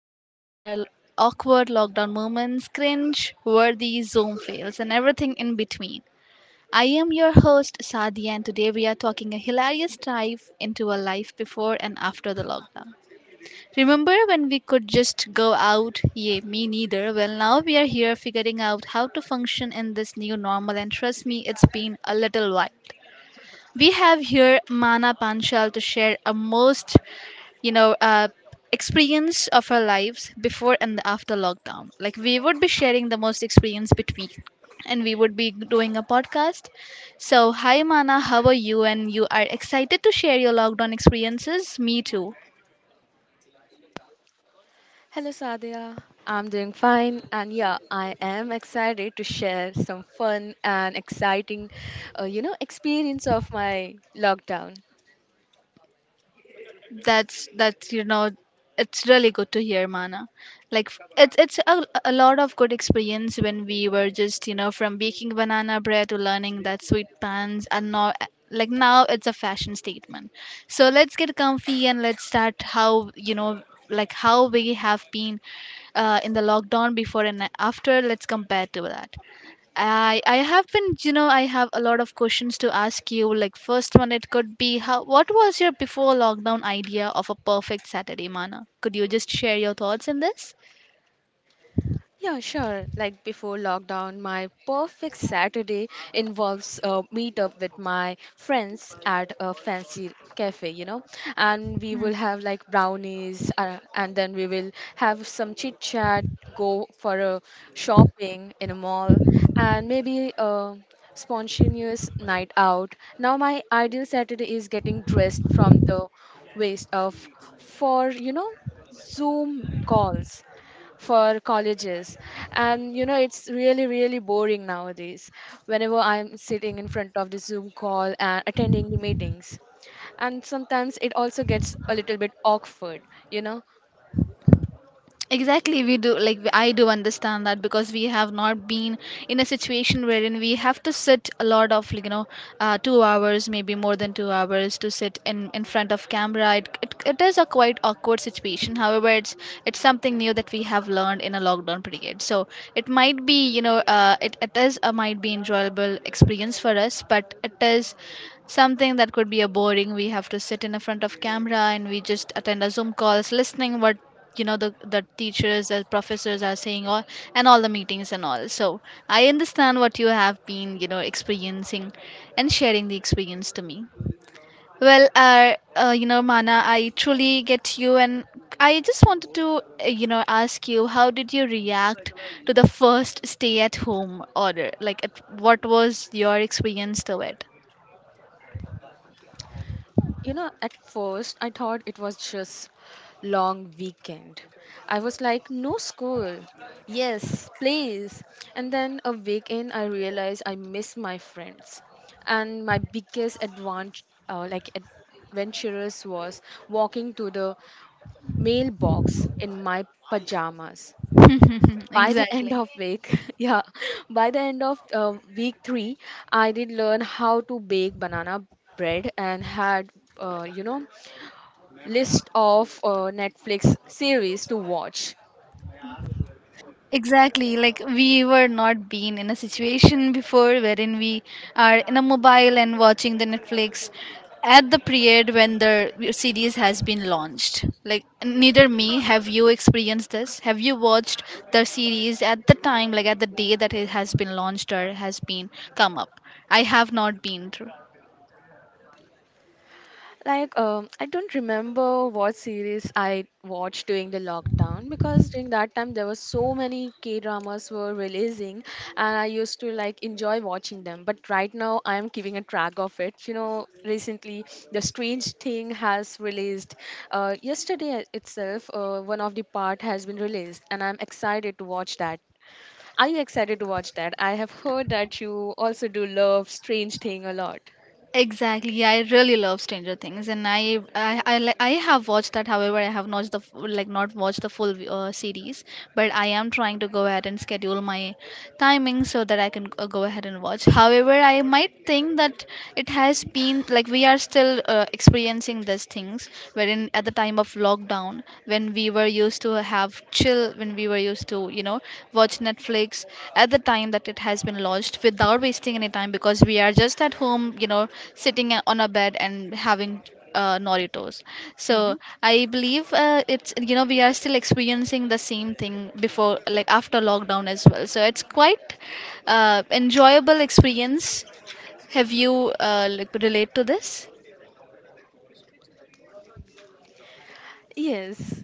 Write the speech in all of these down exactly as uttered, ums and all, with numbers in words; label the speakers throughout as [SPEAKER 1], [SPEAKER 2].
[SPEAKER 1] laugh at our awkward lockdown moments, cringe, worthy Zoom fails, and everything in between. I am your host, Sadi, and today we are talking a hilarious dive into a life before and after the lockdown. Remember when we could just go out? Yeah, me neither. Well, now we are here figuring out how to function in this new normal, and trust me, it's been a little while. We have here Mana Panchal to share a most you know, uh, experience of our lives before and after lockdown. Like we would be sharing the most experience between and we would be doing a podcast. So, hi Mana, how are you? And you are excited to share your lockdown experiences? Me too.
[SPEAKER 2] Hello, Sadia. I'm doing fine, and yeah, I am excited to share some fun and exciting, uh, you know, experience of my lockdown.
[SPEAKER 1] that's that's you know it's really good to hear Mana. Like f- it's it's a, a lot of good experience when we were just you know from baking banana bread to learning that sweet pans, and now eh, like now it's a fashion statement. So let's get comfy and let's start how you know like how we have been uh, in the lockdown before and after. Let's compare to that. I I have been, you know, I have a lot of questions to ask you. Like first one, it could be how what was your before lockdown idea of a perfect Saturday, Mana? Could you just share your thoughts in this?
[SPEAKER 2] Yeah, sure. Like before lockdown, my perfect Saturday involves a meetup with my friends at a fancy cafe, you know, and we will have like brownies, uh, and then we will have some chit chat, go for a shopping in a mall, and maybe a spontaneous night out. Now, my ideal Saturday is getting dressed from the waist up for you know Zoom calls for colleges, and you know it's really really boring nowadays whenever I'm sitting in front of the Zoom call and attending the meetings, and sometimes it also gets a little bit awkward, you know.
[SPEAKER 1] Exactly, we do like I do understand that because we have not been in a situation wherein we have to sit a lot of like, you know uh, two hours maybe more than two hours to sit in in front of camera. It, it, it is a quite awkward situation. However, it's it's something new that we have learned in a lockdown period. So it might be you know uh, it, it is a might be enjoyable experience for us, but it is something that could be a boring. We have to sit in a front of camera and we just attend a zoom calls listening what you know the the teachers and professors are saying all and all the meetings and all. So I understand what you have been you know experiencing and sharing the experience to me. Well, uh, uh you know Mana, I truly get you, and I just wanted to uh, you know ask you how did you react to the first stay at home order. Like at, what was your experience to it?
[SPEAKER 2] You know, at first I thought it was just long weekend. I was like, no school, yes please. And then a weekend, I realized I miss my friends, and my biggest advantage, uh, like adventurous, was walking to the mailbox in my pajamas. By the end
[SPEAKER 1] Exactly.
[SPEAKER 2] of week, yeah, by the end of uh, week three, I did learn how to bake banana bread and had, uh, you know, list of uh, Netflix series to watch.
[SPEAKER 1] Exactly, like we were not been in a situation before wherein we are in a mobile and watching the Netflix at the period when the series has been launched. Like neither me have you experienced this. Have you watched the series at the time, like at the day that it has been launched or has been come up? I have not been.
[SPEAKER 2] Like, um, I don't remember what series I watched during the lockdown because during that time there were so many K dramas were releasing, and I used to like enjoy watching them. But right now I'm keeping a track of it. You know, recently The Strange Thing has released. Uh, yesterday itself, uh, one of the part has been released, and I'm excited to watch that. Are you excited to watch that? I have heard that you also do love Strange Thing a lot.
[SPEAKER 1] Exactly. Yeah, I really love Stranger Things, and I I I, li- I have watched that. However, I have not the f- like not watched the full uh, series, but I am trying to go ahead and schedule my timing so that I can uh, go ahead and watch. However, I might think that it has been like we are still uh, experiencing these things, wherein at the time of lockdown, when we were used to have chill, when we were used to, you know, watch Netflix at the time that it has been launched without wasting any time because we are just at home, you know, sitting a- on a bed and having uh, Noritos.
[SPEAKER 2] Hmm.
[SPEAKER 1] So I believe uh, it's you know we are still experiencing the same thing before like after lockdown as well. So it's quite uh, enjoyable experience. Have you uh, like relate to this?
[SPEAKER 2] Yes.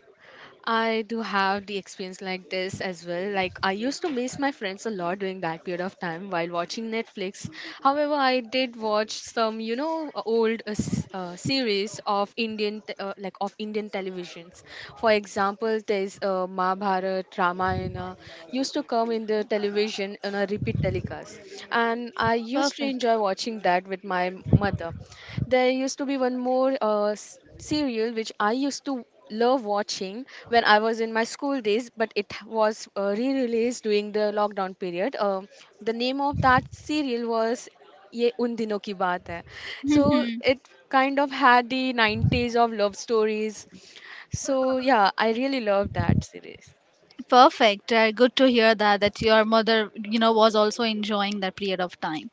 [SPEAKER 2] I do have the experience like this as well. Like I used to miss my friends a lot during that period of time while watching Netflix. However, I did watch some, you know, uh, old uh, s- uh, series of Indian, te- uh, like of Indian televisions. For example, there's uh, Mahabharat, Ramayana used to come in the television on a repeat telecast, and I used to
[SPEAKER 1] Perfect.
[SPEAKER 2] enjoy watching that with my mother. There used to be one more uh, s- serial which I used to love watching when I was in my school days, but it was uh, re-released during the lockdown period. Uh, the name of that serial was Ye Uन दिनों की बात है. So it kind of had the nineties of love stories. So yeah, I really loved that series.
[SPEAKER 1] Perfect. Uh, good to hear that that your mother, you know, was also enjoying that period of time.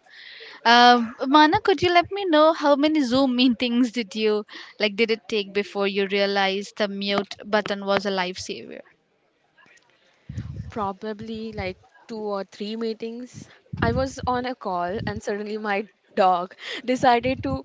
[SPEAKER 1] Um Mana, could you let me know how many Zoom meetings did you like? Did it take before you realized the mute button was a lifesaver?
[SPEAKER 2] Probably like two or three meetings. I was on a call and suddenly my dog decided to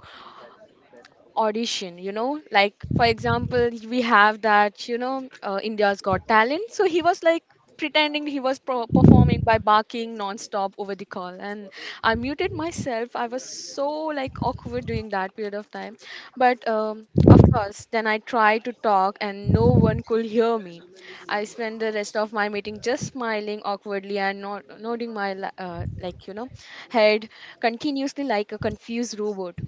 [SPEAKER 2] audition, you know, like for example we have that, you know, uh, India's Got Talent. So he was like pretending he was pro- performing by barking non-stop over the call, and I muted myself. I was so like awkward during that period of time, but um, of course then I tried to talk and no one could hear me. I spent the rest of my meeting just smiling awkwardly and not nodding my la- uh, like you know head continuously like a confused robot.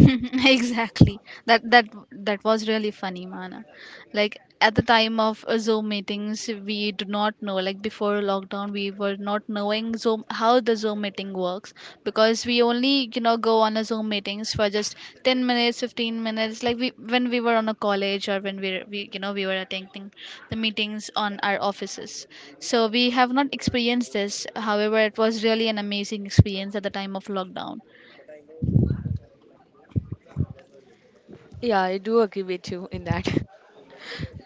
[SPEAKER 1] Exactly. That that that was really funny, Mana. Like at the time of uh, zoom meetings, we do not know. Like before lockdown we were not knowing zoom, how the zoom meeting works, because we only you know go on a zoom meetings for just ten minutes fifteen minutes, like we when we were on a college, or when we, we you know we were attending the meetings on our offices. So we have not experienced this. However, it was really an amazing experience at the time of lockdown.
[SPEAKER 2] Yeah, I do agree with you in that.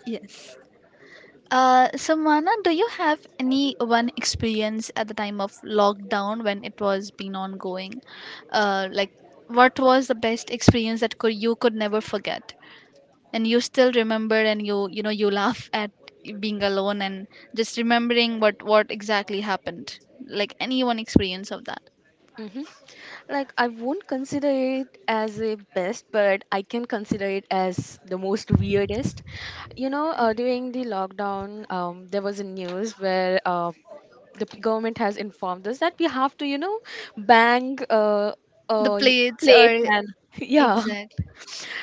[SPEAKER 1] Yes. Uh, Samana, do you have any one experience at the time of lockdown when it was been ongoing? Uh, like, what was the best experience that could you could never forget, and you still remember, and you you know you laugh at being alone and just remembering what what exactly happened? Like any one experience of that,
[SPEAKER 2] Hmm. Like, I won't consider it as a best, but I can consider it as the most weirdest. You know, uh, during the lockdown, um, there was a news where uh, the p- government has informed us that we have to, you know, bang uh,
[SPEAKER 1] the
[SPEAKER 2] uh, y-
[SPEAKER 1] plates or
[SPEAKER 2] plate and yeah.
[SPEAKER 1] exactly.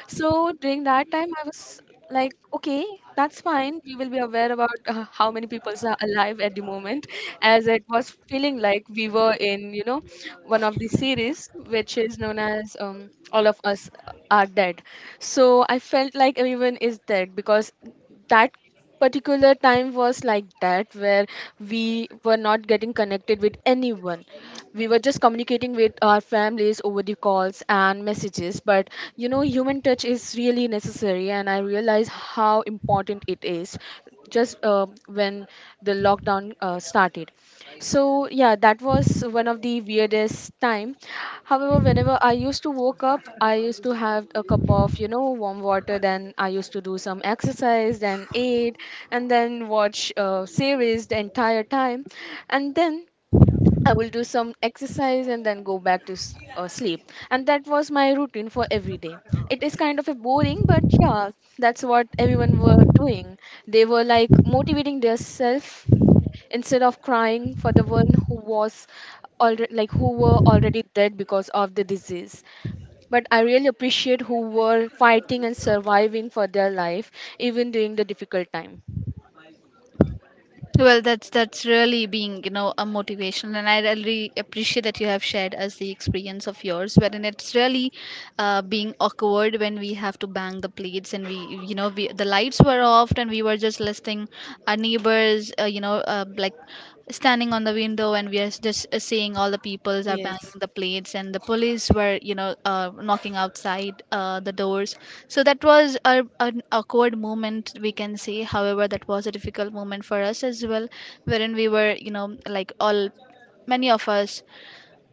[SPEAKER 2] So during that time, I was like, okay, that's fine. We will be aware about uh, how many people are alive at the moment, as it was feeling like we were in, you know, one of the series which is known as um, All of Us Are Dead. So I felt like everyone is dead because that particular time was like that where we were not getting connected with anyone. We were just communicating with our families over the calls and messages, but you know human touch is really necessary, and I realize how important it is, just uh, when the lockdown uh, started. So yeah, that was one of the weirdest time. However, whenever I used to woke up, I used to have a cup of you know warm water, then I used to do some exercise, then eat, and then watch uh, series the entire time, and then I will do some exercise and then go back to s- uh, sleep. And that was my routine for every day. It is kind of a boring, but yeah, that's what everyone were doing. They were like motivating themselves instead of crying for the one who was already, like who were already dead because of the disease. But I really appreciate who were fighting and surviving for their life even during the difficult time.
[SPEAKER 1] Well, that's that's really being, you know, a motivation, and I really appreciate that you have shared us the experience of yours, wherein it's really uh, being awkward when we have to bang the plates, and we, you know, we the lights were off, and we were just listening our neighbors, uh, you know, uh, like standing on the window, and we are just uh, seeing all the peoples are
[SPEAKER 2] Yes.
[SPEAKER 1] banging the plates, and the police were you know uh, knocking outside uh, the doors. So that was a, an awkward moment, we can say. However, that was a difficult moment for us as well, wherein we were you know like all many of us,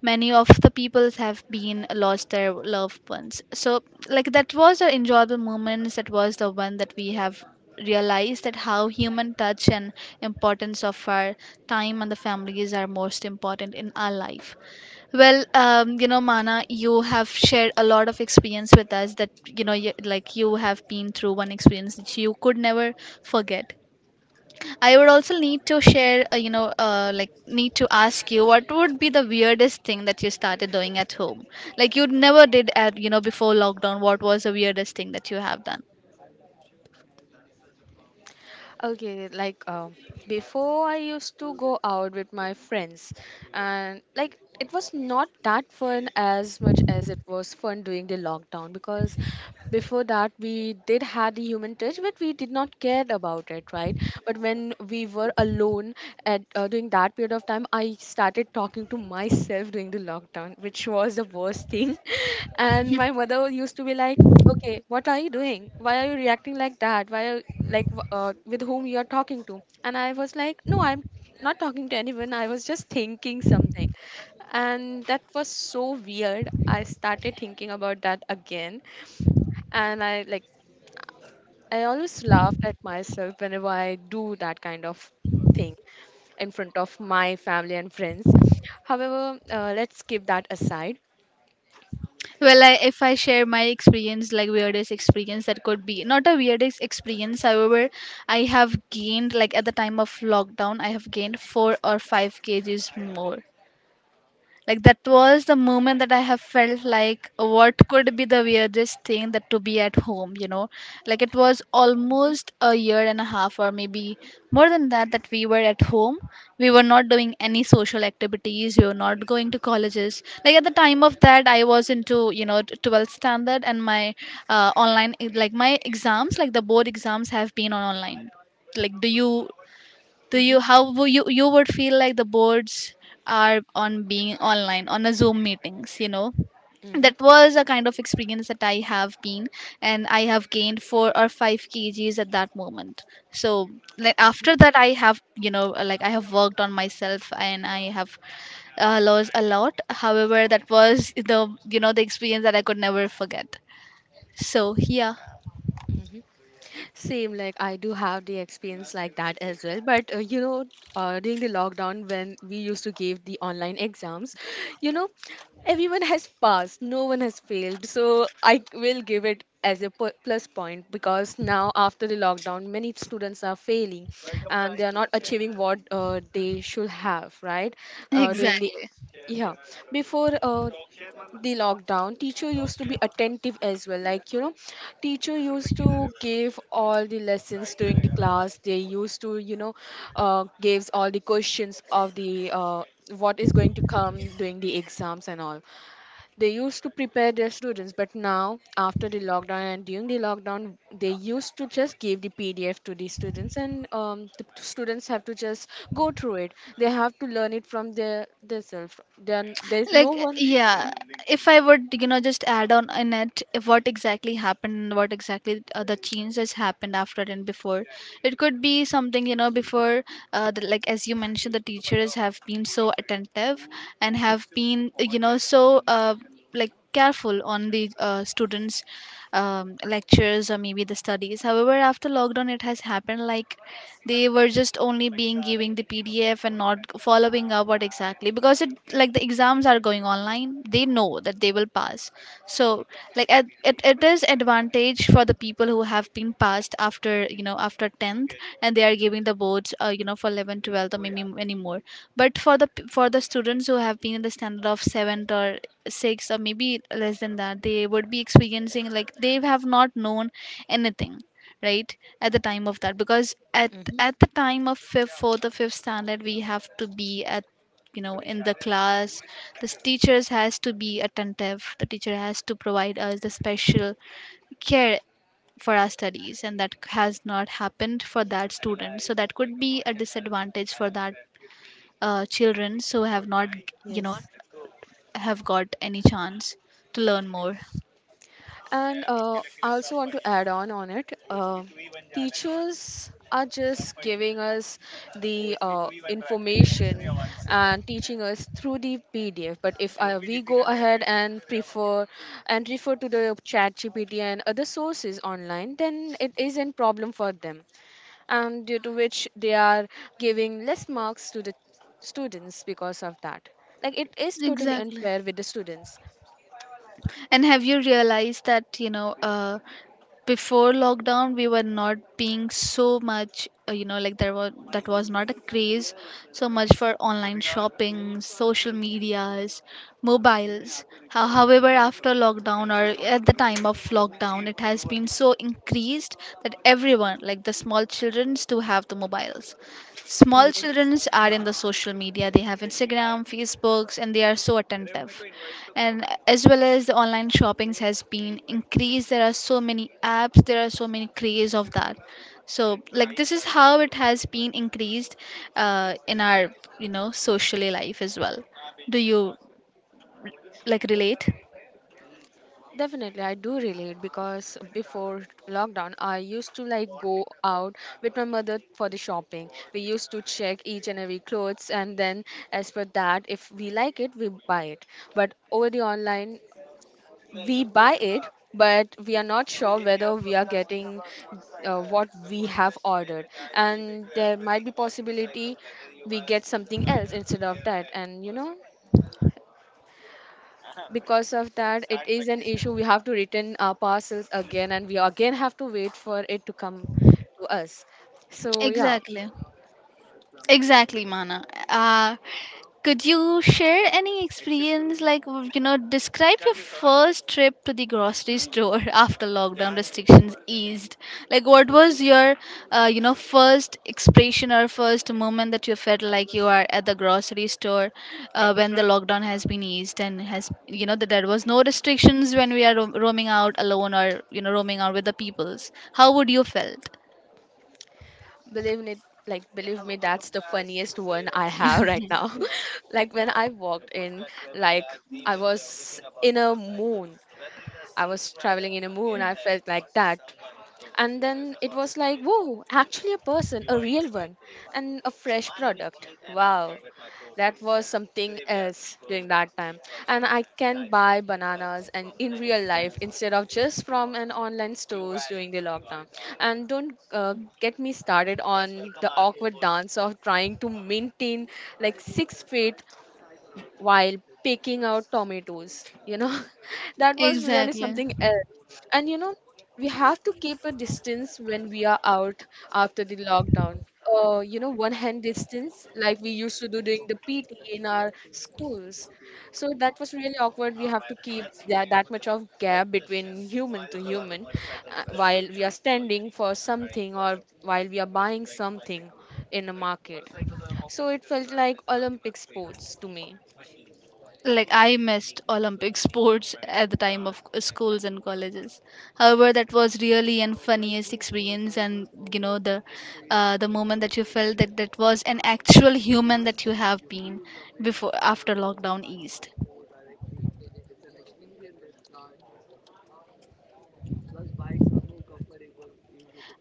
[SPEAKER 1] many of the peoples have been lost their loved ones. So like that was the enjoyable moments, that was the one that we have realized, that how human touch and importance of our time and the families are most important in our life. Well, um, you know Mana, you have shared a lot of experience with us, that you know you, like you have been through one experience that you could never forget. I would also need to share, uh, you know, uh, like need to ask you, what would be the weirdest thing that you started doing at home? Like you never did at, you know, before lockdown. What was the weirdest thing that you have done?
[SPEAKER 2] Okay, like, um, before I used to go out with my friends, and like it was not that fun as much as it was fun during the lockdown because before that we did had the human touch but we did not care about it, right? But when we were alone, at uh, during that period of time, I started talking to myself during the lockdown, which was the worst thing. And my mother used to be like, okay, what are you doing, why are you reacting like that, why are like wh- uh, with whom you are talking to. And I was like, no, I'm not talking to anyone, I was just thinking something. And that was so weird. I started thinking about that again, and I like, I always laughed at myself whenever I do that kind of thing in front of my family and friends. However, uh, let's keep that aside.
[SPEAKER 1] Well, I, if I share my experience, like weirdest experience that could be not a weirdest experience. However, I have gained, like at the time of lockdown, I have gained four or five kgs more. Like that was the moment that I have felt, like what could be the weirdest thing that to be at home, you know? Like it was
[SPEAKER 2] Hmm.
[SPEAKER 1] almost a year and a half or maybe more than that that we were at home. We were not doing any social activities, we were not going to colleges. Like at the time of that I was into, you know, twelfth standard, and my uh, online like my exams, like the board exams have been on online. Like do you do
[SPEAKER 2] Hmm.
[SPEAKER 1] you how would you you would feel, like the boards are on being online on a zoom meetings, you know that
[SPEAKER 2] Hmm.
[SPEAKER 1] was a kind of experience that I have been. And I have gained four or five kgs at that moment. So like after that I have, you know like I have worked on myself, and I have uh, lost a lot. However, that was the, you know the experience that I could never forget. So yeah.
[SPEAKER 2] Hmm. Same, like I do have the experience like that as well. But uh, you know, uh, during the lockdown when we used to give the online exams, you know, everyone has passed, no one has failed. So I will give it as a pu- plus point because now after the lockdown, many students are failing and they are not achieving what uh, they should have, right? Uh, during the
[SPEAKER 1] Exactly.
[SPEAKER 2] yeah before uh, the lockdown, teacher used to be attentive as well, like you know teacher used to give all the lessons during the class, they used to you know uh, gives all the questions of the uh, what is going to come during the exams and all. They used to prepare their students, but now after the lockdown and during the lockdown they used to just give the PDF to the students and um, the students have to just go through it. They have to learn it from their themselves. Then there's no
[SPEAKER 1] Like
[SPEAKER 2] one.
[SPEAKER 1] yeah, if I would, you know just add on in it, if what exactly happened and what exactly uh, the changes happened after and before. It could be something you know before, uh, the, like as you mentioned, the teachers have been so attentive, and have been uh, you know so uh, like careful on the uh, students, um, lectures or maybe the studies. However, after lockdown it has happened like they were just only being giving the pdf and not following up what exactly, because it like the exams are going online, they know that they will pass. So like it it, it is advantage for the people who have been passed after you know after tenth, and they are giving the boards uh, you know for eleven twelfth or maybe any more. But for the p- for the students who have been in the standard of seventh or sixth or maybe less than that, they would be experiencing like they have not known anything, right? At the time of that, because uh,
[SPEAKER 2] Mm-hmm.
[SPEAKER 1] at the time of fifth, fourth or fifth standard, we have to be at you know in the class. The teachers has to be attentive. The teacher has to provide us the special care for our studies, and that has not happened for that student. So that could be a disadvantage for that uh, children who have not you know
[SPEAKER 2] Yes.
[SPEAKER 1] have got any chance to learn more.
[SPEAKER 2] And uh, I also want to add on on it. Uh, teachers are just giving us the uh, information and teaching us through the P D F. But if uh, we go ahead and prefer and refer to the chat G P T and other sources online, then it isn't problem for them. And due to which they are giving less marks to the students because of that. Like it is totally
[SPEAKER 1] Exactly.
[SPEAKER 2] unfair with the students.
[SPEAKER 1] And have you realized that you know uh, before lockdown we were not being so much uh, you know like there were that was not a craze so much for online shopping, social medias, mobiles. Ho- however, after lockdown or at the time of lockdown, it has been so increased that everyone, like the small children, do have the mobiles. Small
[SPEAKER 2] Yes.
[SPEAKER 1] children are in the social media, they have Instagram, Facebooks, and they are so attentive, and as well as the online shoppings has been increased. There are so many apps, there are so many craze of that. So like this is how it has been increased uh, in our, you know socially life as well. Do you like relate?
[SPEAKER 2] Definitely, I do relate because before lockdown, I used to like go out with my mother for the shopping. We used to check each and every clothes, and then as per that, if we like it, we buy it. But over the online, we buy it, but we are not sure whether we are getting uh, what we have ordered, and there might be possibility we get something else instead of that. And you know, because of that it is an issue. We have to return our parcels again, and we again have to wait for it to come to us. So yeah.
[SPEAKER 1] Exactly. Exactly, Mana. Uh, could you share any experience, like, w- you know, describe your first trip to the grocery store after lockdown restrictions eased? Like, what was your, uh, you know, first expression or first moment that you felt like you are at the grocery store uh, when the lockdown has been eased and has, you know, that there was no restrictions when we are ro- roaming out alone or, you know, roaming out with the peoples? How would you felt?
[SPEAKER 2] Believe me, like believe me, that's the funniest one I have right now. Like when I walked in, like I was in a moon, I was traveling in a moon, I felt like that. And then it was like, whoa, actually a person, a real one, and a fresh product, wow. That was something else during that time, and I can buy bananas and in real life instead of just from an online stores during the lockdown. And don't uh, get me started on the awkward dance of trying to maintain like six feet while picking out tomatoes, you know. That was really
[SPEAKER 1] Exactly.
[SPEAKER 2] something else, and you know we have to keep a distance when we are out after the lockdown, uh, you know, one hand distance like we used to do during the P T in our schools. So that was really awkward. We have to keep that, that much of gap between human to human uh, while we are standing for something or while we are buying something in a market. So it felt like Olympic sports to me.
[SPEAKER 1] Like I missed Olympic sports at the time of schools and colleges. However, that was really an funniest experience, and you know the uh, the moment that you felt that that was an actual human that you have been before after lockdown eased.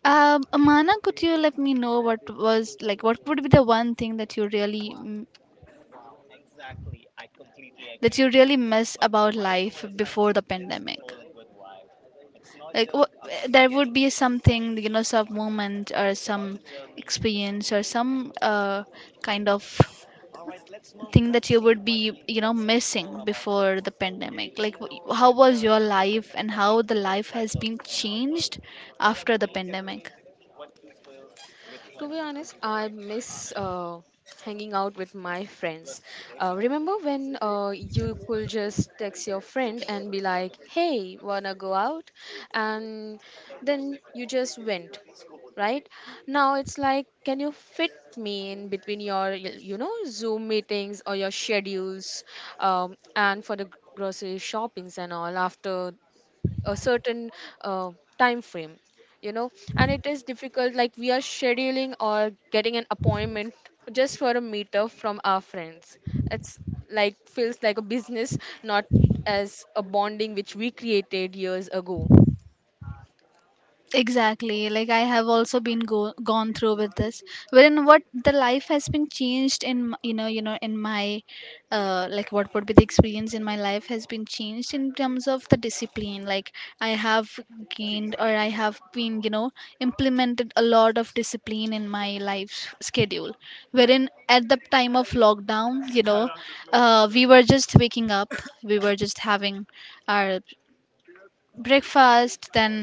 [SPEAKER 1] Um, Amana, could you let me know what was like? What would be the one thing that you really mm, that you really miss about life before the pandemic? Like, what, there would be something, you know, some moment or some experience or some uh, kind of thing that you would be, you know, missing before the pandemic. Like, wh- how was your life and how the life has been changed after the pandemic?
[SPEAKER 2] To be honest, I miss uh, hanging out with my friends. Uh, remember when uh, you could just text your friend and be like, hey, wanna go out? And then you just went, right? Now it's like, can you fit me in between your, you know, Zoom meetings or your schedules um, and for the grocery shoppings and all after a certain uh, time frame you know and it is difficult, like we are scheduling or getting an appointment just for a meetup from our friends. It's like feels like a business, not as a bonding which we created years ago.
[SPEAKER 1] Exactly, like I have also been go- gone through with this, wherein what the life has been changed in m- you know, you know in my uh, like what would be the experience in my life has been changed in terms of the discipline. Like, I have gained or I have been, you know, implemented a lot of discipline in my life schedule, wherein at the time of lockdown, you know, uh, we were just waking up, we were just having our breakfast, then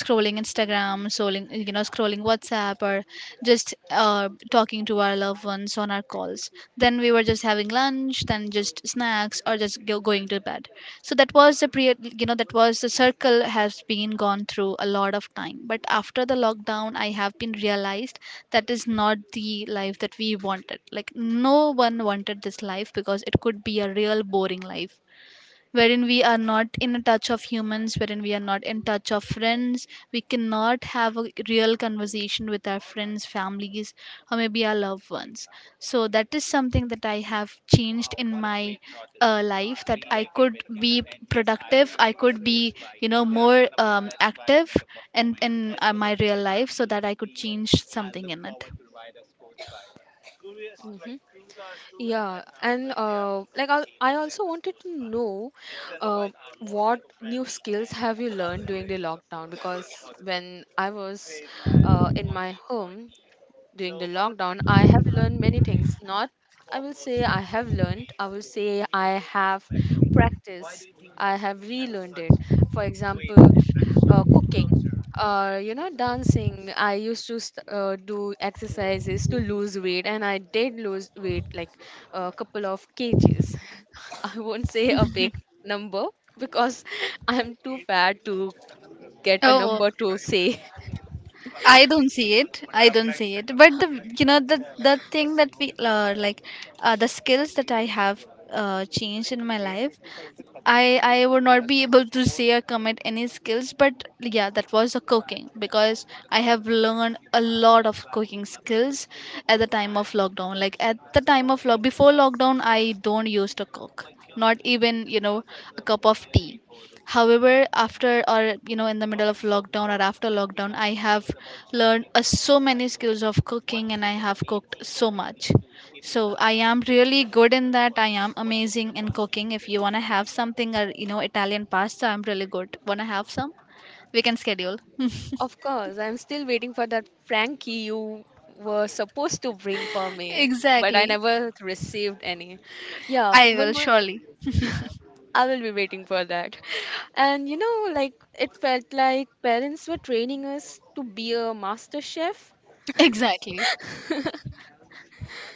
[SPEAKER 1] scrolling Instagram, scrolling, you know, scrolling WhatsApp, or just uh, talking to our loved ones on our calls, then we were just having lunch, then just snacks, or just go, going to bed. So that was the pre, you know, that was the circle has been gone through a lot of time. But after the lockdown, I have been realized that is not the life that we wanted. Like no one wanted this life because it could be a real boring life, wherein we are not in touch of humans, wherein we are not in touch of friends, we cannot have a real conversation with our friends, families, or maybe our loved ones. So that is something that I have changed in my uh, life, that I could be productive, I could be, you know, more um, active in in uh, my real life, so that I could change something in it.
[SPEAKER 2] Hmm. Yeah, and uh, like I, I also wanted to know, uh, what new skills have you learned during the lockdown? Because when I was uh, in my home, during the lockdown, I have learned many things. Not, I will say I have learned, I will say I have practiced, I have relearned it. For example, uh, cooking or you know dancing. I used to st- uh, do exercises to lose weight, and I did lose weight like a couple of k g's. I won't say a big number because I'm too fat to get a
[SPEAKER 1] Oh,
[SPEAKER 2] number to say.
[SPEAKER 1] I don't see it. I don't see it. But the, you know, the the thing that we uh, like uh, the skills that I have uh, changed in my life. I I would not be able to say or commit any skills, but yeah, that was the cooking because I have learned a lot of cooking skills at the time of lockdown. Like at the time of lock before lockdown, I don't used to cook, not even, you know, a cup of tea. However, after or you know in the middle of lockdown or after lockdown, I have learned uh, so many skills of cooking and I have cooked so much. So I am really good in that, I am amazing in cooking. If you want to have something, or you know, italian pasta, I'm really good. Want to have some, we can schedule.
[SPEAKER 2] Of course, I'm still waiting for that Frankie you were supposed to bring for me, but I
[SPEAKER 1] Exactly.
[SPEAKER 2] never received any. Yeah,
[SPEAKER 1] I will
[SPEAKER 2] one more.
[SPEAKER 1] surely.
[SPEAKER 2] I will be waiting for that. And you know, like it felt like parents were training us to be a master chef.
[SPEAKER 1] Exactly.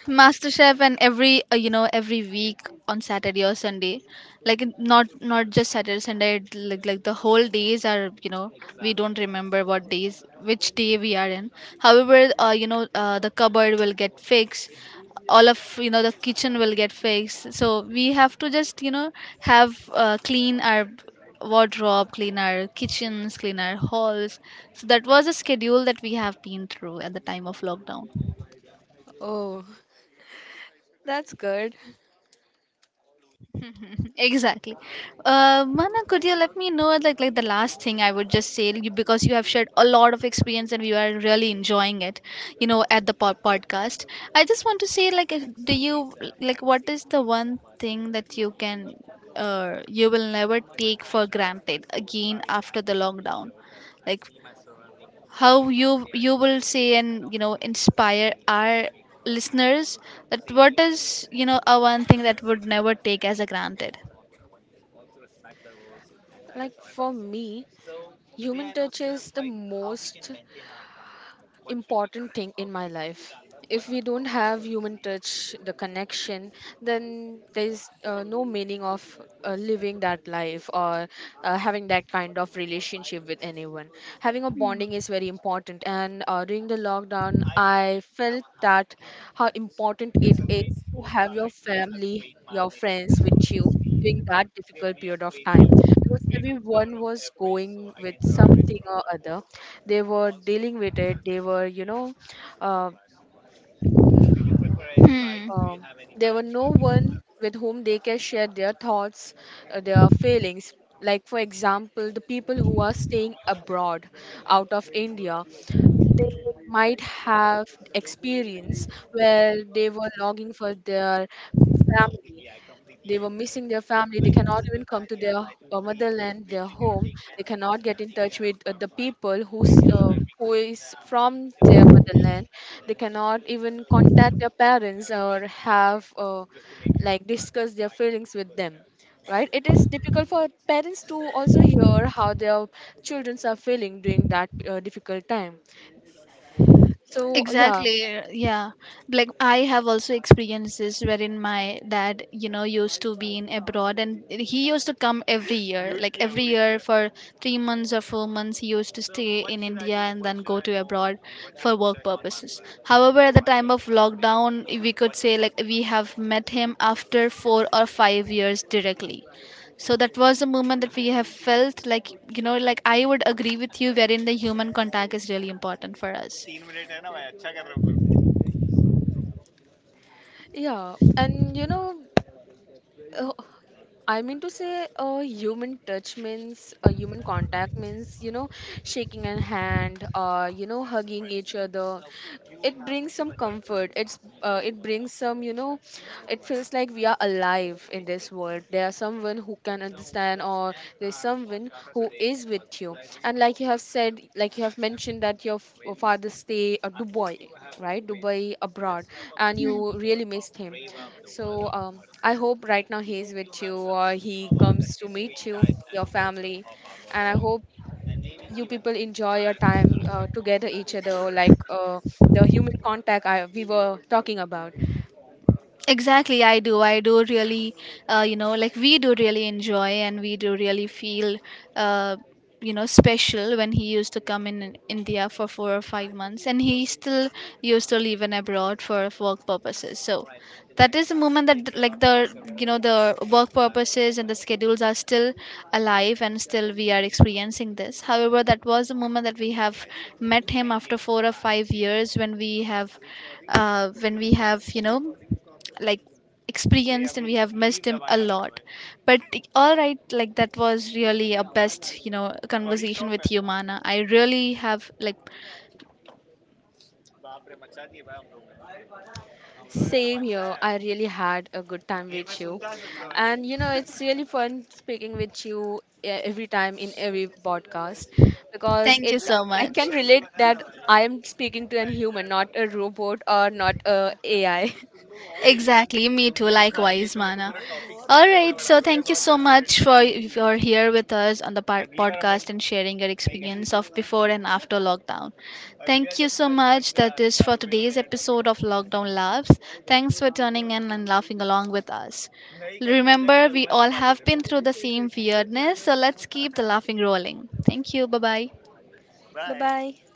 [SPEAKER 1] MasterChef. And every uh, you know, every week on Saturday or Sunday, like it- not not just Saturday Sunday, it- like like the whole days are, you know, we don't remember what days, which day we are in. However, uh, you know, uh, the cupboard will get fixed, all of, you know, the kitchen will get fixed. So we have to just, you know, have uh, clean our wardrobe, clean our kitchens, clean our halls. So that was a schedule that we have been through at the time of lockdown.
[SPEAKER 2] Oh, that's good.
[SPEAKER 1] Exactly. Uh, Mana, could you let me know, like like the last thing I would just say, you- because you have shared a lot of experience and we are really enjoying it, you know, at the pod- podcast. I just want to say, like, if- do you like what is the one thing that you can, uh, you will never take for granted again after the lockdown, like how you you will say and, you know, inspire our listeners that what is, you know, a one thing that would never take as a granted.
[SPEAKER 2] Like for me, human touch is the most important thing in my life. If we don't have human touch, the connection, then there's uh, no meaning of uh, living that life or uh, having that kind of relationship with anyone. Having a bonding is very important, and uh, during the lockdown, I felt that how important it is to have your family, your friends with you during that difficult period of time, because everyone was going with something or other. They were dealing with it, they were you know uh,
[SPEAKER 1] Hmm,
[SPEAKER 2] um there were no one with whom they can share their thoughts, uh, their feelings. Like, for example, the people who are staying abroad, out of India, they might have experience where they were longing for their family. They were missing their family. They cannot even come to their uh, motherland, their home. They cannot get in touch with uh, the people who's uh, who is from their motherland. They cannot even contact their parents or have uh, like discuss their feelings with them. Right? It is difficult for parents to also hear how their children are feeling during that uh, difficult time. So yeah,
[SPEAKER 1] exactly. Yeah. Like I have also experienced this, wherein my dad, you know, used to be in abroad and he used to come every year. Like every year for three months or four months he used to stay in India and then go to abroad for work purposes. However, at the time of lockdown we could say like we have met him after four or five years directly. So that was the moment that we have felt like, you know, like I would agree with you wherein the human contact is really important for us.
[SPEAKER 2] yeah, and you know. uh, I mean to say, uh, human touch means, uh, human contact means, you know, shaking a hand, uh, you know, hugging each other. It brings some comfort. It's uh, it brings some, you know, it feels like we are alive in this world. There are someone who can understand, or there's someone who is with you. And like you have said, like you have mentioned that your f- your father stay at Dubai, right? Dubai, abroad. And you really missed him. So um, I hope right now he is with you or he comes to meet you, your family. And I hope you people enjoy your time uh, together, each other, like, uh, the human contact I, we were talking about.
[SPEAKER 1] Exactly, I do. I do really, uh, you know, like we do really enjoy and we do really feel, uh, you know, special when he used to come in, in India for four or five months and he still used to live in abroad for work purposes. So that is the moment that, th- like, the, you know, the work purposes and the schedules are still alive and still we are experiencing this. However, that was the moment that we have met him after four or five years when we have, uh, when we have, you know, like experienced and we have missed him a lot. But all right, like that was really a best, you know, conversation with you, Mana. I really have like,
[SPEAKER 2] Same here, I really had a good time with you. And you know, it's really fun speaking with you, e- every time in every podcast, because
[SPEAKER 1] thank
[SPEAKER 2] it,
[SPEAKER 1] you so
[SPEAKER 2] I
[SPEAKER 1] much.
[SPEAKER 2] can relate that I am speaking to an human, not a robot or not a ai.
[SPEAKER 1] Exactly, me too. Likewise, Mana. All right, so thank you so much for you're here with us on the par- podcast and sharing your experience of before and after lockdown. Thank you so much. That is for today's episode of Lockdown Laughs. Thanks for tuning in and laughing along with us. Remember, we all have been through the same weirdness, so let's keep the laughing rolling. Thank you. Bye bye.
[SPEAKER 2] Bye bye.